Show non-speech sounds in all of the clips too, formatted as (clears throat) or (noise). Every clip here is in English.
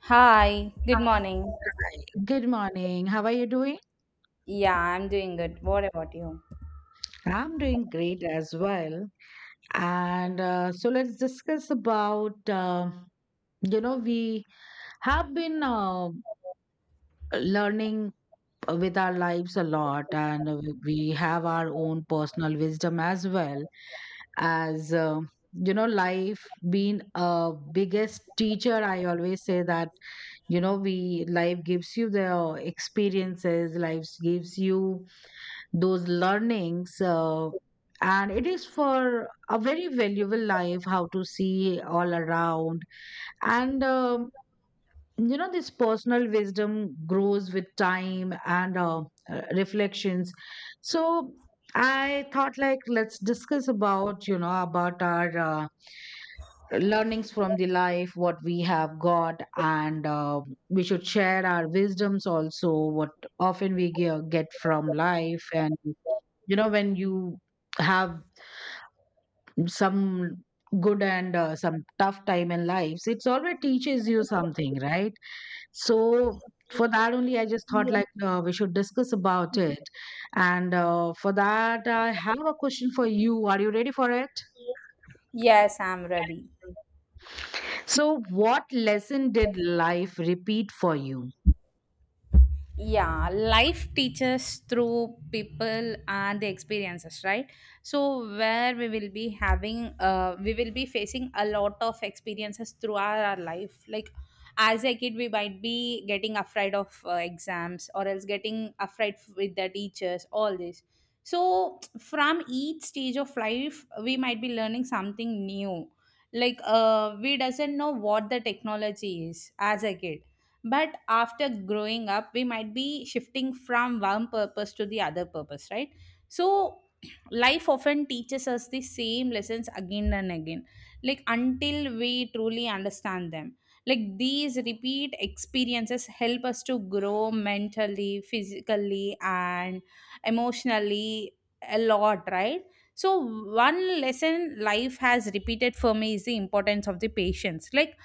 Hi, good morning. Good morning. How are you doing? Yeah, I'm doing good. What about you? I'm doing great as well. And so let's discuss about, you know, we have been learning with our lives a lot, and we have our own personal wisdom as well as, you know, life being a biggest teacher. I always say that, you know, we life gives you the experiences, life gives you those learnings, and it is for a very valuable life how to see all around. And you know, this personal wisdom grows with time and reflections. So I thought like, let's discuss about, you know, about our learnings from the life what we have got, and we should share our wisdoms also, what often we get from life. And you know, when you have some good and some tough time in lives, it's always teaches you something, right? So for that only, I just thought like, we should discuss about it. And for that I have a question for you. Are you ready for it? Yes, I'm ready. So what lesson did life repeat for you? Yeah, life teaches through people and the experiences, right? So where we will be having we will be facing a lot of experiences throughout our life, like as a kid we might be getting afraid of exams, or else getting afraid with the teachers, all this. So from each stage of life we might be learning something new, like we doesn't know what the technology is as a kid, but after growing up we might be shifting from one purpose to the other purpose, right? So (clears throat) life often teaches us the same lessons again and again, like until we truly understand them. Like these repeat experiences help us to grow mentally, physically and emotionally a lot, right? So one lesson life has repeated for me is the importance of the patience. Like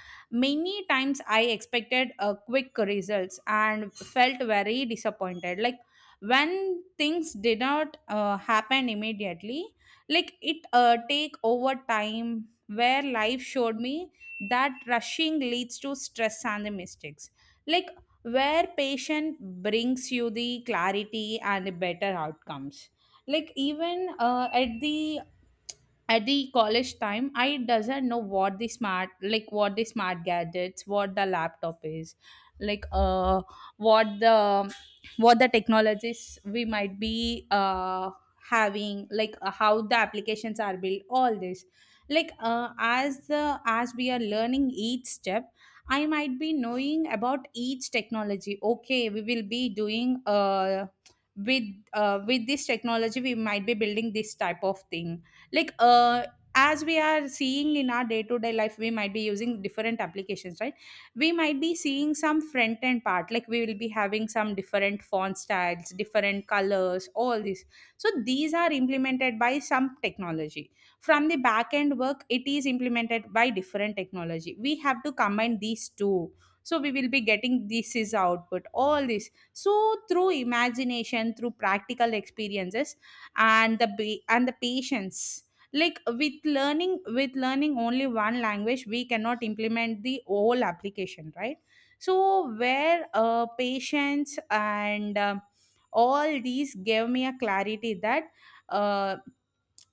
many times I expected a quick results and felt very disappointed, like when things did not happen immediately, like it take over time where life showed me that rushing leads to stress and the mistakes, like where patient brings you the clarity and the better outcomes. Like even at the college time I doesn't know what the smart, like what the smart gadgets, what the laptop is, like what the what the technologies we might be having, like how the applications are built, all this. Like as the as we are learning each step, I might be knowing about each technology. Okay, we will be doing with with this technology we might be building this type of thing, like as we are seeing in our day to day life we might be using different applications, right? We might be seeing some front end part, like we will be having some different font styles, different colors, all this. So these are implemented by some technology. From the back end work it is implemented by different technology. We have to combine these two, so we will be getting this is output, all this. So through imagination, through practical experiences and the and the patience, like with learning only one language we cannot implement the whole application, right? So where patience and all these gave me a clarity that uh,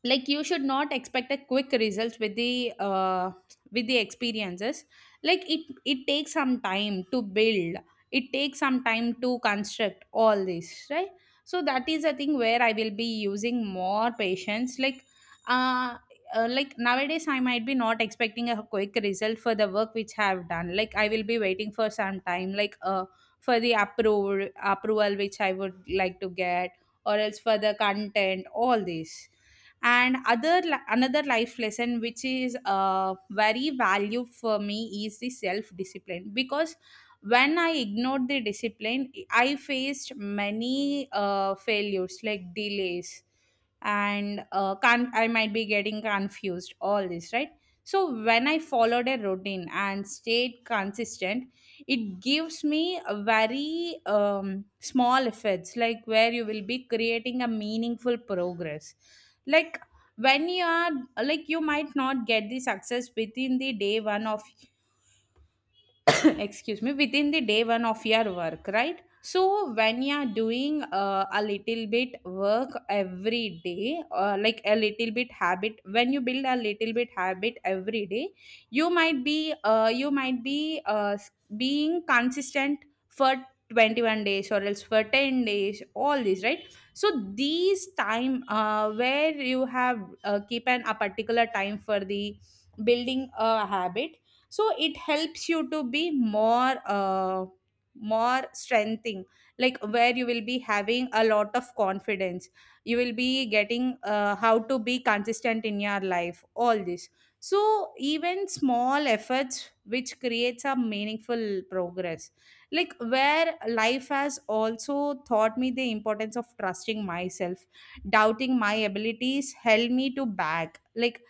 like you should not expect a quick results with the experiences, like it takes some time to build, it takes some time to construct, all this, right? So that is a thing where I will be using more patience, uh, like nowadays I might be not expecting a quick result for the work which I have done. Like I will be waiting for some time, like for the approval which I would like to get, or else for the content, all this. And other another life lesson which is very value for me is the self discipline, because when I ignored the discipline I faced many failures, like delays, and can I might be getting confused, all this, right? So when I followed a routine and stayed consistent, it gives me a very small efforts, like where you will be creating a meaningful progress. Like when you are, like you might not get the success within the day one of (laughs) (coughs) excuse me, within the day one of your work, right? So when you are doing a little bit work every day, like a little bit habit, when you build a little bit habit every day, you might be being consistent for 21 days or else for 10 days, all this, right? So these time where you have keep an a particular time for the building a habit, so it helps you to be more more strengthening, like where you will be having a lot of confidence, you will be getting how to be consistent in your life, all this. So even small efforts which creates a meaningful progress, like where life has also taught me the importance of trusting myself. Doubting my abilities helped me to back,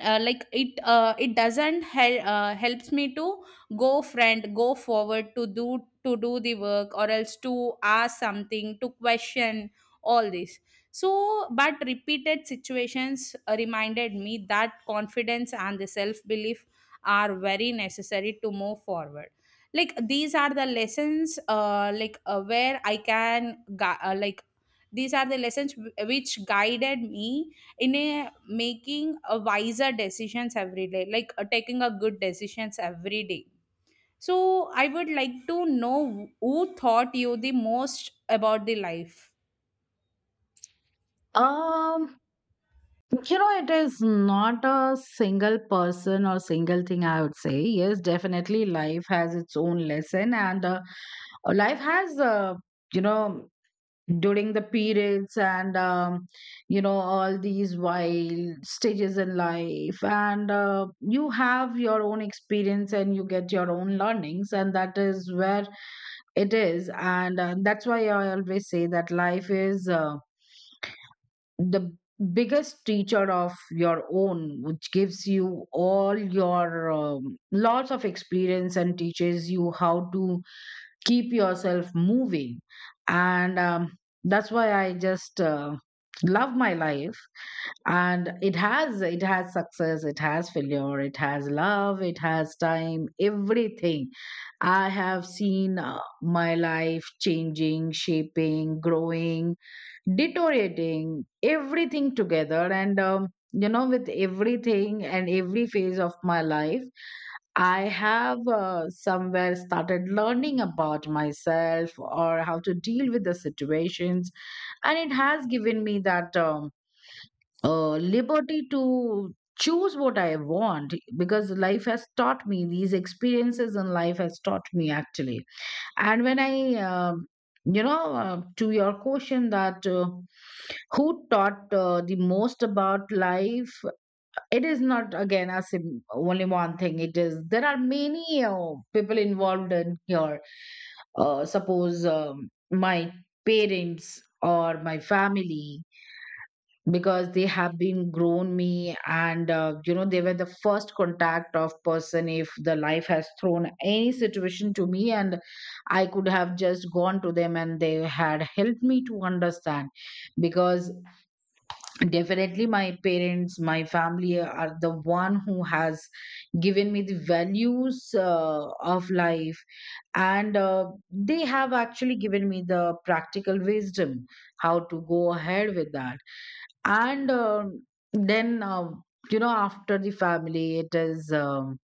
like it it doesn't helps me to go friend go forward to do the work, or else to ask something, to question, all this. So but repeated situations reminded me that confidence and the self belief are very necessary to move forward. Like these are the lessons, like where I can like these are the lessons which guided me in a making a wiser decisions every day, like taking a good decisions every day. So I would like to know who taught you the most about the life. Um, You know, it is not a single person or single thing, I would say. Yes, definitely life has its own lesson, and life has, you know, during the periods and, you know, all these wild stages in life, and you have your own experience and you get your own learnings, and that is where it is. And that's why I always say that life is. The biggest teacher of your own, which gives you all your lots of experience and teaches you how to keep yourself moving. And that's why I just love my life, and it has success, it has failure, it has love, it has time, everything. I have seen, my life changing, shaping, growing, deteriorating, everything together. And you know, with everything and every phase of my life, I have, somewhere started learning about myself or how to deal with the situations. And it has given me that, liberty to choose what I want, because life has taught me, these experiences in life has taught me actually. And when I, you know, to your question that, who taught, the most about life, it is not again a only one thing. It is, there are many people involved in here. Suppose, my parents or my family, because they have been grown me, and you know, they were the first contact of person if the life has thrown any situation to me, and I could have just gone to them and they had helped me to understand. Because definitely my parents, my family, are the one who has given me the values of life, and they have actually given me the practical wisdom how to go ahead with that. And then you know, after the family, it is,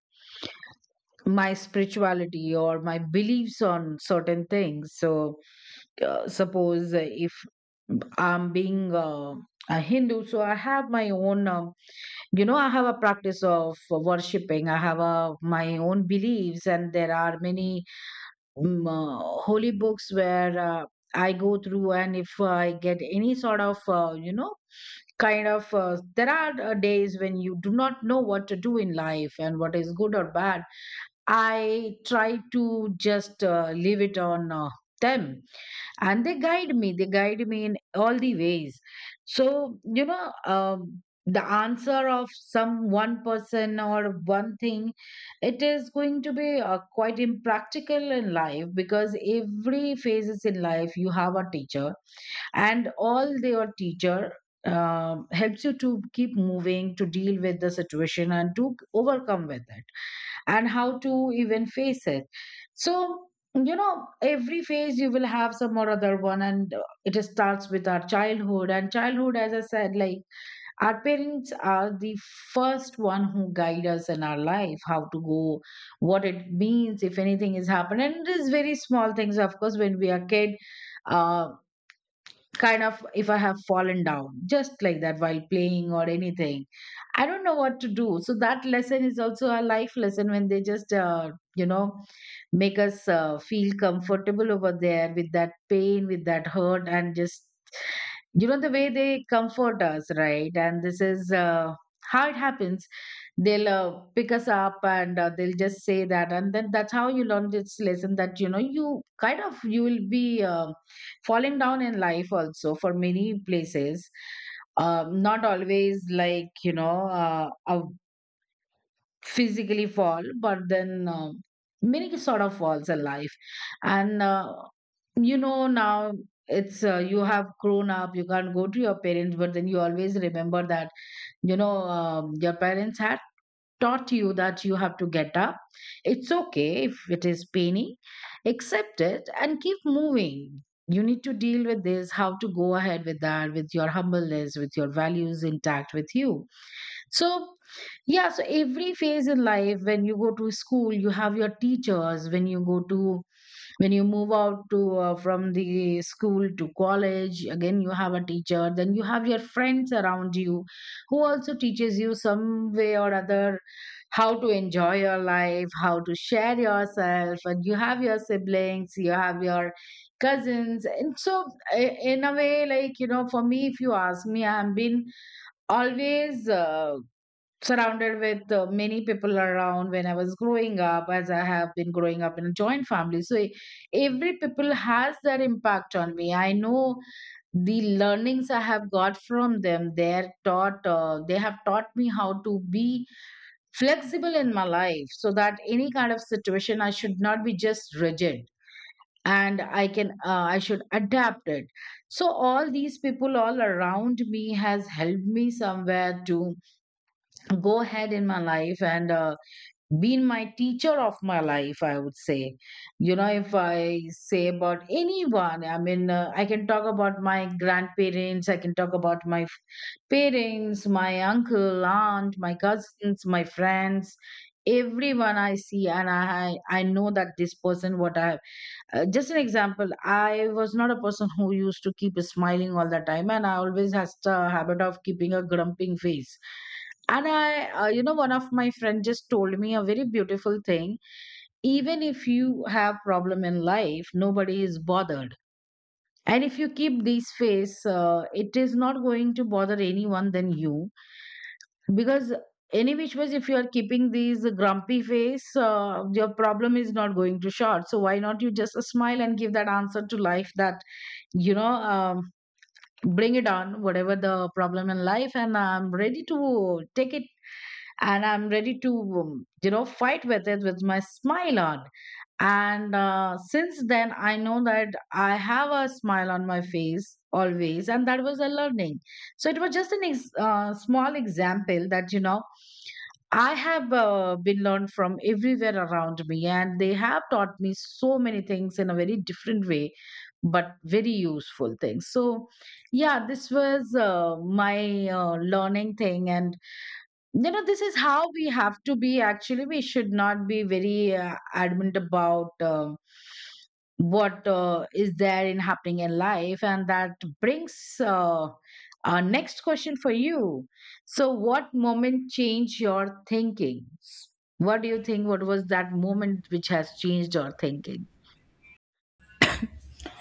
my spirituality or my beliefs on certain things. So suppose if I'm being, a Hindu, so I have my own, you know, I have a practice of worshipping, I have a, my own beliefs, and there are many holy books where, I go through, and if I get any sort of, you know, kind of, there are days when you do not know what to do in life and what is good or bad. I try to just leave it on, them, and they guide me, they guide me in all the ways. So you know, the answer of some one person or one thing, it is going to be, quite impractical in life, because every phases in life you have a teacher, and all your teacher helps you to keep moving, to deal with the situation and to overcome with it, and how to even face it. So, you know, every phase you will have some or other one, and it starts with our childhood. And childhood, as I said, like our parents are the first one who guide us in our life, how to go, what it means, if anything is happening. And it is very small things, of course, when we are kid. Uh, Kind of if I have fallen down, just like that while playing or anything, I don't know what to do. So that lesson is also a life lesson when they just, you know, make us feel comfortable over there with that pain, with that hurt, and just you know the way they comfort us, right? And this is how it happens. They'll pick us up and they'll just say that, and then that's how you learn this lesson, that you know, you kind of you will be, falling down in life also for many places, not always like you know, a physically fall, but then many sort of falls in life. And you know, now it's you have grown up, you can't go to your parents, but then you always remember that, you know, your parents had taught you that you have to get up. It's okay if it is paining, accept it and keep moving. You need to deal with this, how to go ahead with that, with your humbleness, with your values intact with you. So, yeah, so every phase in life, when you go to school, you have your teachers, when you go to when you move out to, from the school to college, again you have a teacher, then you have your friends around you, who also teaches you some way or other how to enjoy your life, how to share yourself, and you have your siblings, you have your cousins. And so, in a way, like you know, for me, if you ask me, I've been always. Surrounded with, many people around when I was growing up, as I have been growing up in a joint family. So every people has that impact on me. I know the learnings I have got from them, they are taught, they have taught me how to be flexible in my life, so that any kind of situation I should not be just rigid, and I should adapt it. So all these people all around me has helped me somewhere to go ahead in my life, and been my teacher of my life, I would say. You know, if I say about anyone, I mean, I can talk about my grandparents, I can talk about my parents, my uncle, aunt, my cousins, my friends, everyone I see. And I know that this person, what I have, just an example, I was not a person who used to keep smiling all the time, and I always has the habit of keeping a grumping face. And I you know, one of my friend just told me a very beautiful thing. Even if you have problem in life, nobody is bothered, and if you keep this face, it is not going to bother anyone than you. Because any which ways, if you are keeping these grumpy face, your problem is not going to short, so why not you just smile and give that answer to life, that you know, um, bring it on, whatever the problem in life, and I'm ready to take it, and I'm ready to you know, fight with it with my smile on. And since then, I know that I have a smile on my face always, and that was a learning. So it was just an small example that, you know, I have been learned from everywhere around me, and they have taught me so many things in a very different way, but very useful things. So, yeah, this was my learning thing. And you know, this is how we have to be actually, we should not be very adamant about, what is there in happening in life. And that brings uh, our next question for you. So what moment changed your thinking? What do you think, what was that moment which has changed your thinking?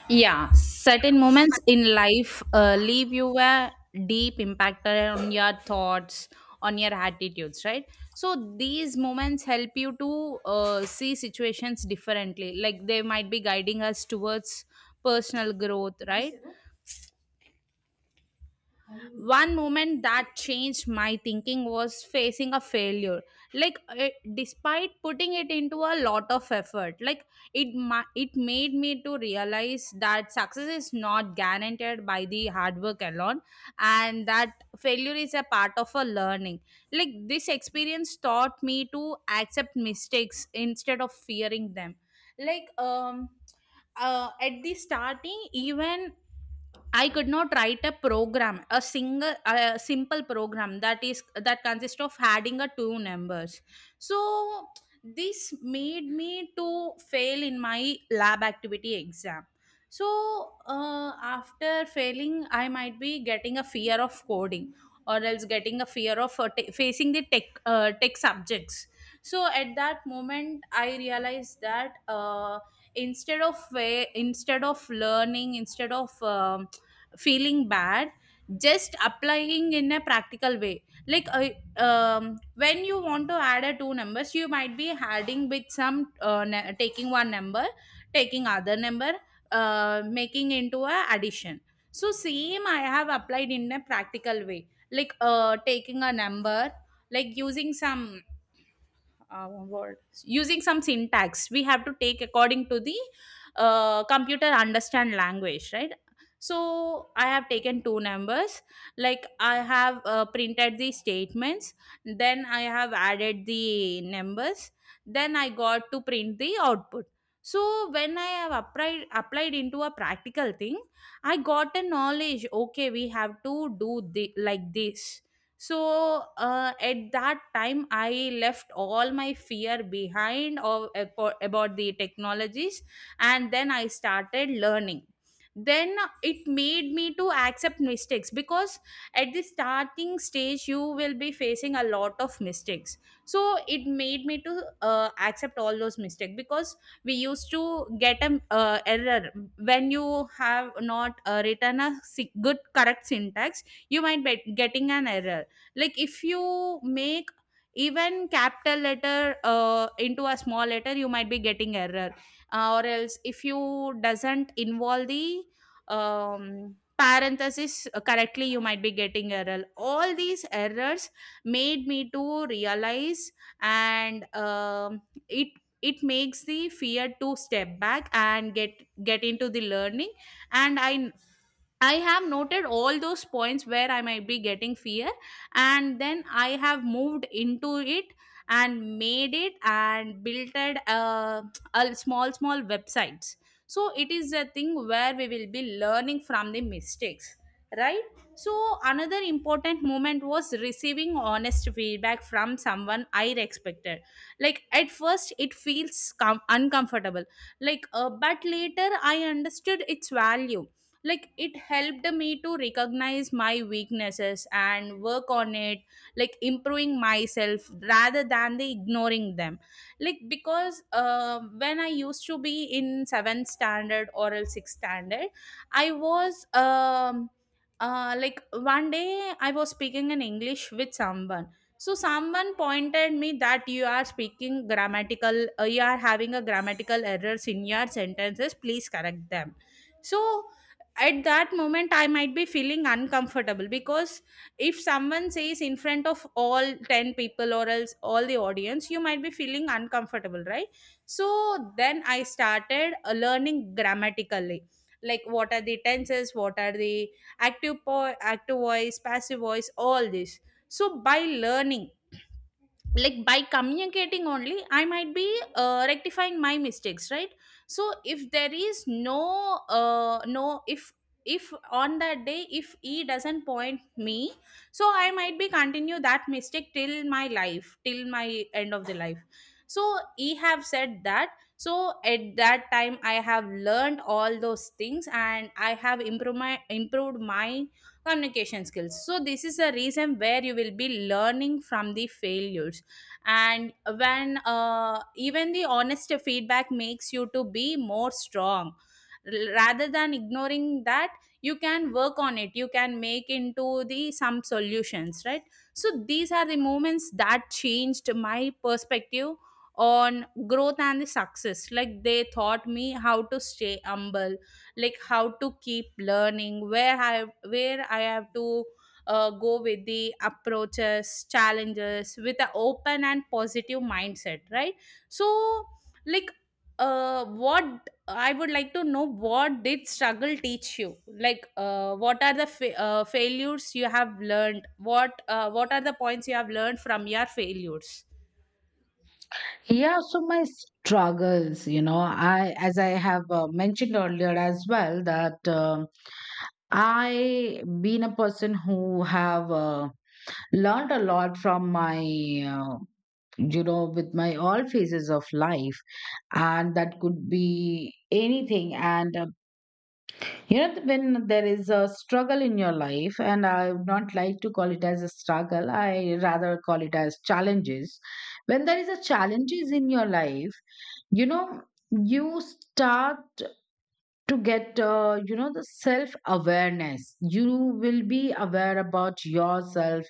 Yeah, certain moments in life leave you a deep impact on your thoughts, on your attitudes, right? So these moments help you to see situations differently. Like they might be guiding us towards personal growth, right? One moment that changed my thinking was facing a failure, like it, despite putting it into a lot of effort, like it it made me to realize that success is not guaranteed by the hard work alone, and that failure is a part of a learning. Like this experience taught me to accept mistakes instead of fearing them, like at the starting even I could not write a program, a single, a simple program that is that consists of adding a two numbers. So this made me to fail in my lab activity exam. So after failing, I might be getting a fear of coding, or else getting a fear of facing the tech tech subjects. So at that moment I realized that instead of way instead of learning, instead of feeling bad, just applying in a practical way, like I when you want to add a two numbers, you might be adding with some taking one number, taking other number, making into a addition. So same I have applied in a practical way, like taking a number, like using some uh, word, using some syntax, we have to take according to the computer understand language, right? So I have taken two numbers, like I have printed the statements, then I have added the numbers, then I got to print the output. So when I have applied into a practical thing, I got a knowledge. Okay, we have to do the, like this. So at that time I left all my fear behind of, about the technologies, and then I started learning. Then it made me to accept mistakes, because at the starting stage you will be facing a lot of mistakes. So it made me to accept all those mistakes, because we used to get an error. When you have not written a good correct syntax, you might be getting an error. Like if you make even capital letter into a small letter, you might be getting error, or else if you doesn't involve the parenthesis correctly, you might be getting error. All these errors made me to realize, and it it makes the fear to step back and get into the learning. And I have noted all those points where I might be getting fear, and then I have moved into it and made it and built it a small small websites. So it is a thing where we will be learning from the mistakes, right? So another important moment was receiving honest feedback from someone I respected. Like at first it feels uncomfortable, but later I understood its value, like it helped me to recognize my weaknesses and work on it, like improving myself rather than the ignoring them, like because when I used to be in 7th standard or else 6th standard, I was uh, like one day I was speaking in English with someone. So someone pointed me that you are speaking grammatical you are having a grammatical errors in your sentences, please correct them. So at that moment I might be feeling uncomfortable, because if someone says in front of all 10 people or else all the audience, you might be feeling uncomfortable, right? So then I started learning grammatically, like what are the tenses, what are the active voice, passive voice, all this. So by learning, like by communicating only, I might be rectifying my mistakes, right? So if there is if on that day if he doesn't point me, so I might be continue that mistake till my life, till my end of the life. So he have said that. So at that time I have learned all those things, and I have improved my communication skills. So this is a reason where you will be learning from the failures. And when even the honest feedback makes you to be more strong, rather than ignoring that, you can work on it, you can make into the some solutions, right? So these are the moments that changed my perspective on growth and the success, like they taught me how to stay humble, like how to keep learning, where I have to go with the approaches, challenges with an open and positive mindset, right? So, like what I would like to know, what did struggle teach you? Like what are the failures you have learned, what are the points you have learned from your failures? Yeah, so my struggles, you know, I, as I have mentioned earlier as well, that I been a person who have, learned a lot from my, uh, you know, with my all phases of life, and that could be anything. And you know, when there is a struggle in your life, and I would not like to call it as a struggle, I rather call it as challenges. When there is a challenges in your life, you know, you start to get, you know, the self awareness. You will be aware about yourself.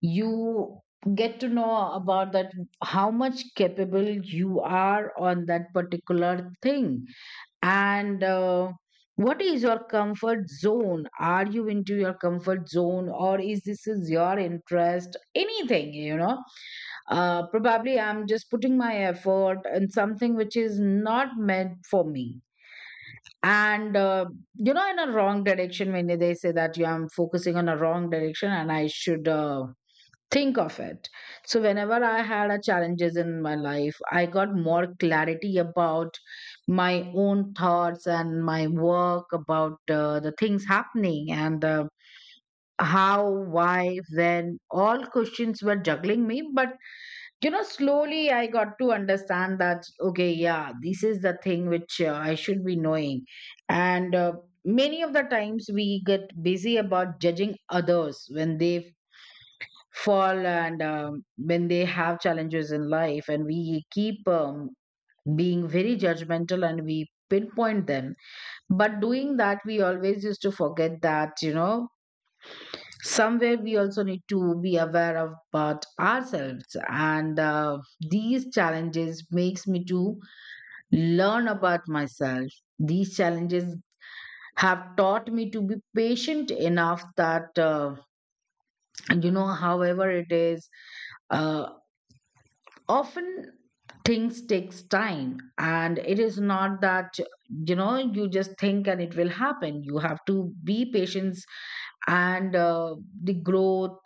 You get to know about that how much capable you are on that particular thing and what is your comfort zone? Are you into your comfort zone or is this is your interest? Anything, Probably I'm just putting my effort in something which is not meant for me. And uh, in a wrong direction, when they say that you I'm focusing on a wrong direction and I should think of it. So, whenever I had a challenges in my life, I got more clarity about my own thoughts and my work, about the things happening and how, why, when. All questions were juggling me, but slowly I got to understand that okay, yeah, this is the thing which I should be knowing, and. Many of the times we get busy about judging others when they fall and when they have challenges in life and we keep being very judgmental and we pinpoint them, but doing that we always used to forget that somewhere we also need to be aware of about ourselves and these challenges makes me to learn about myself. These challenges have taught me to be patient enough that however it is, uh, often things takes time and it is not that you just think and it will happen. You have to be patient and the growth,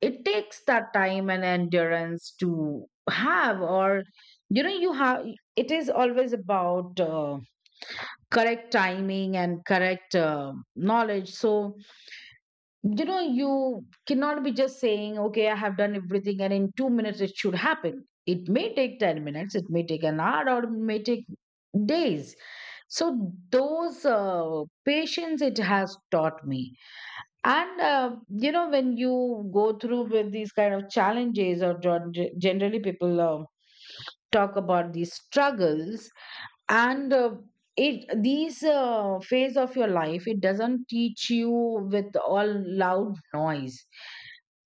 it takes that time and endurance to have. Or you have, it is always about correct timing and correct knowledge. So you cannot be just saying, okay, I have done everything and in 2 minutes it should happen. It may take 10 minutes, it may take an hour, or it may take days. So those patience it has taught me. And when you go through with these kind of challenges, or generally people talk about these struggles and it these phase of your life, it doesn't teach you with all loud noise,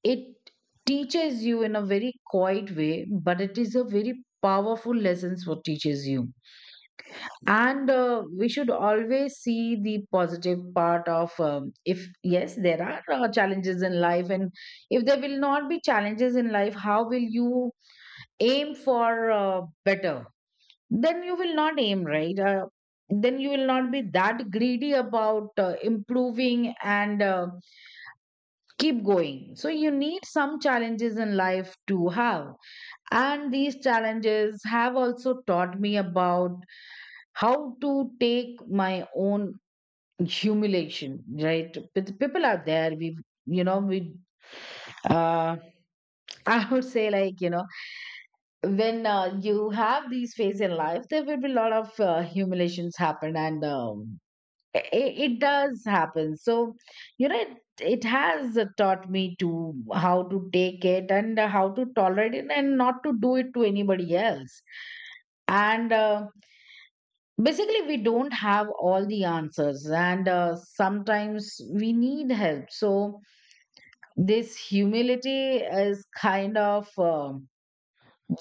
it teaches you in a very quiet way, but it is a very powerful lessons what teaches you. And we should always see the positive part of if yes there are challenges in life. And if there will not be challenges in life, how will you aim for better? Then you will not aim, right? Then you will not be that greedy about improving and keep going. So you need some challenges in life to have. And these challenges have also taught me about how to take my own humiliation. Right, people are there, we, we, uh, (laughs) I would say, like, when you have these phases in life, there will be a lot of humiliations happen and it does happen. So it, it has taught me to how to take it and how to tolerate it and not to do it to anybody else. And basically we don't have all the answers and sometimes we need help. So this humility is kind of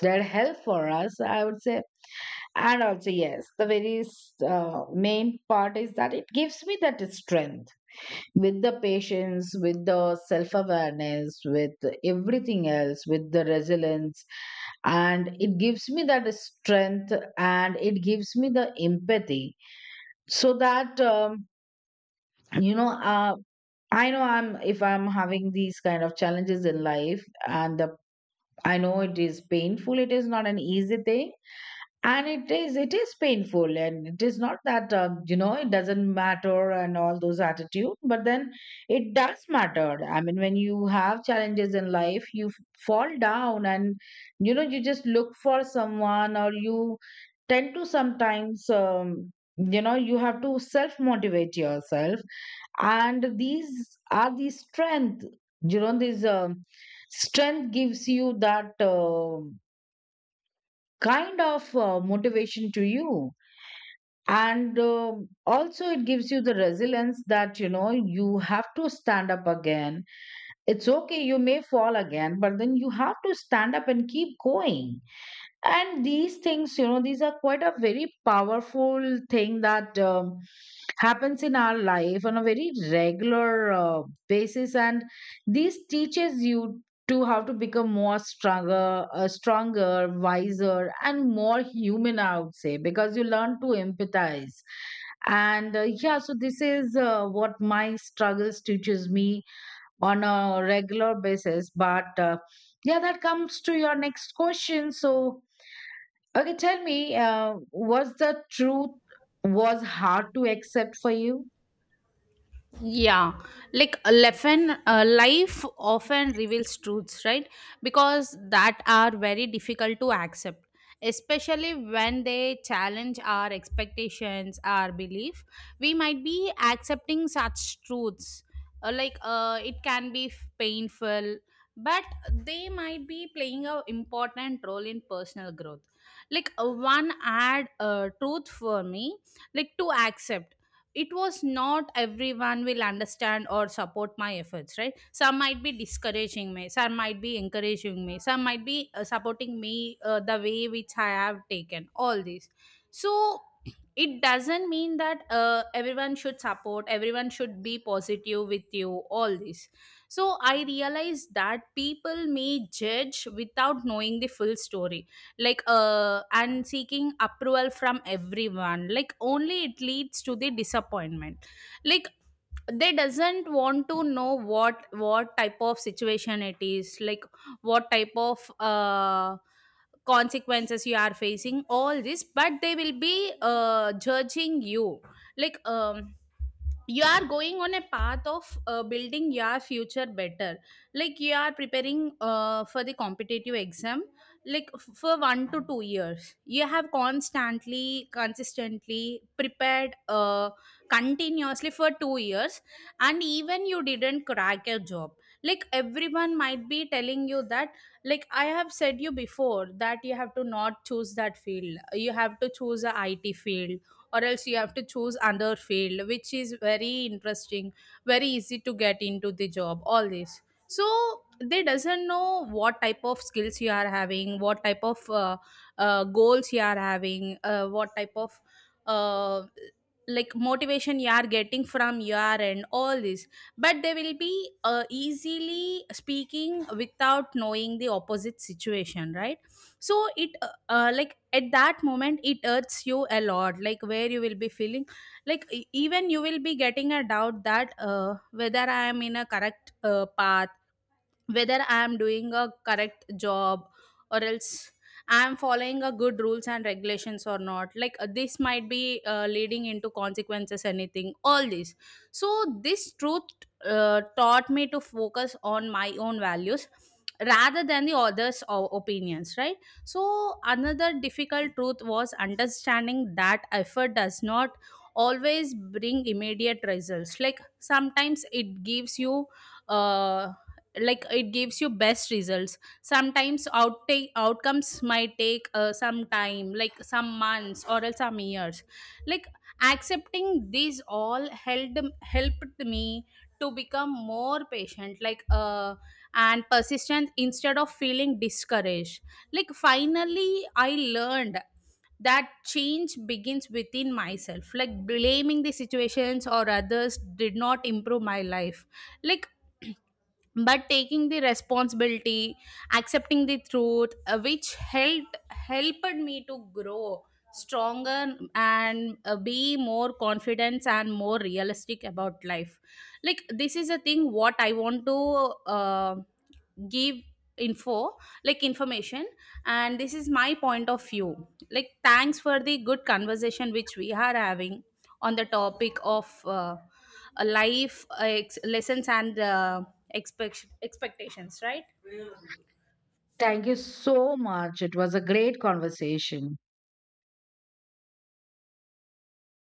that help for us, I would say. And also, yes, the very main part is that it gives me that strength, with the patience, with the self awareness, with everything else, with the resilience. And it gives me that strength and it gives me the empathy. So that, you know, uh, I know I'm, if I'm having these kind of challenges in life, and the, I know it is painful, it is not an easy thing, and it is, it is painful, and it is not that it doesn't matter and all those attitude. But then it does matter, I mean, when you have challenges in life you fall down and you just look for someone, or you tend to sometimes, you have to self motivate yourself. And these are the strength, this strength gives you that kind of motivation to you. And also it gives you the resilience that you have to stand up again. It's okay, you may fall again, but then you have to stand up and keep going. And these things, these are quite a very powerful thing that happens in our life on a very regular basis. And this teaches you to how to become more stronger, stronger, wiser, and more human, I would say, because you learn to empathize. And yeah, so this is what my struggles teaches me on a regular basis. But yeah, that comes to your next question. So okay, tell me, was the truth was hard to accept for you? Yeah, like a life often reveals truths, right? Because that are very difficult to accept, especially when they challenge our expectations, our belief. We might be accepting such truths, it can be painful, but they might be playing a important role in personal growth. Like one add truth for me, like to accept, it was not everyone will understand or support my efforts, right? Some might be discouraging me, some might be encouraging me, some might be supporting me the way which I have taken, all these. So it doesn't mean that everyone should support, everyone should be positive with you, all this. So I realized that people may judge without knowing the full story, like and seeking approval from everyone, like only it leads to the disappointment. Like they doesn't want to know what type of situation it is, like what type of consequences you are facing, all this, but they will be judging you. Like you are going on a path of building your future better. Like you are preparing for the competitive exam, like for 1 to 2 years you have constantly consistently prepared continuously for 2 years, and even you didn't crack your job. Like everyone might be telling you that, like I have said you before that you have to not choose that field, you have to choose a IT field, or else you have to choose another field which is very interesting, very easy to get into the job, all this. So they doesn't know what type of skills you are having, what type of goals you are having, what type of uh, motivation you are getting from your, and all this. But they will be easily speaking without knowing the opposite situation, right? So it like at that moment it hurts you a lot, like where you will be feeling, like even you will be getting a doubt that whether I am in a correct path, whether I am doing a correct job, or else I am following a good rules and regulations or not. Like this might be leading into consequences, anything, all this. So this truth taught me to focus on my own values rather than the others opinions, right? So another difficult truth was understanding that effort does not always bring immediate results. Like sometimes it gives you uh, it gives you best results, sometimes outtake outcomes might take some time, like some months or else some years. Like accepting these all helped me to become more patient, and persistent instead of feeling discouraged. Like finally I learned that change begins within myself, like blaming the situations or others did not improve my life. Like (clears throat) but taking the responsibility, accepting the truth, which helped me to grow stronger, and be more confident and more realistic about life. Like this is a thing what I want to uh, give info, like information. And this is my point of view. Like thanks for the good conversation which we are having on the topic of life lessons and expectations, right? Thank you so much. It was a great conversation.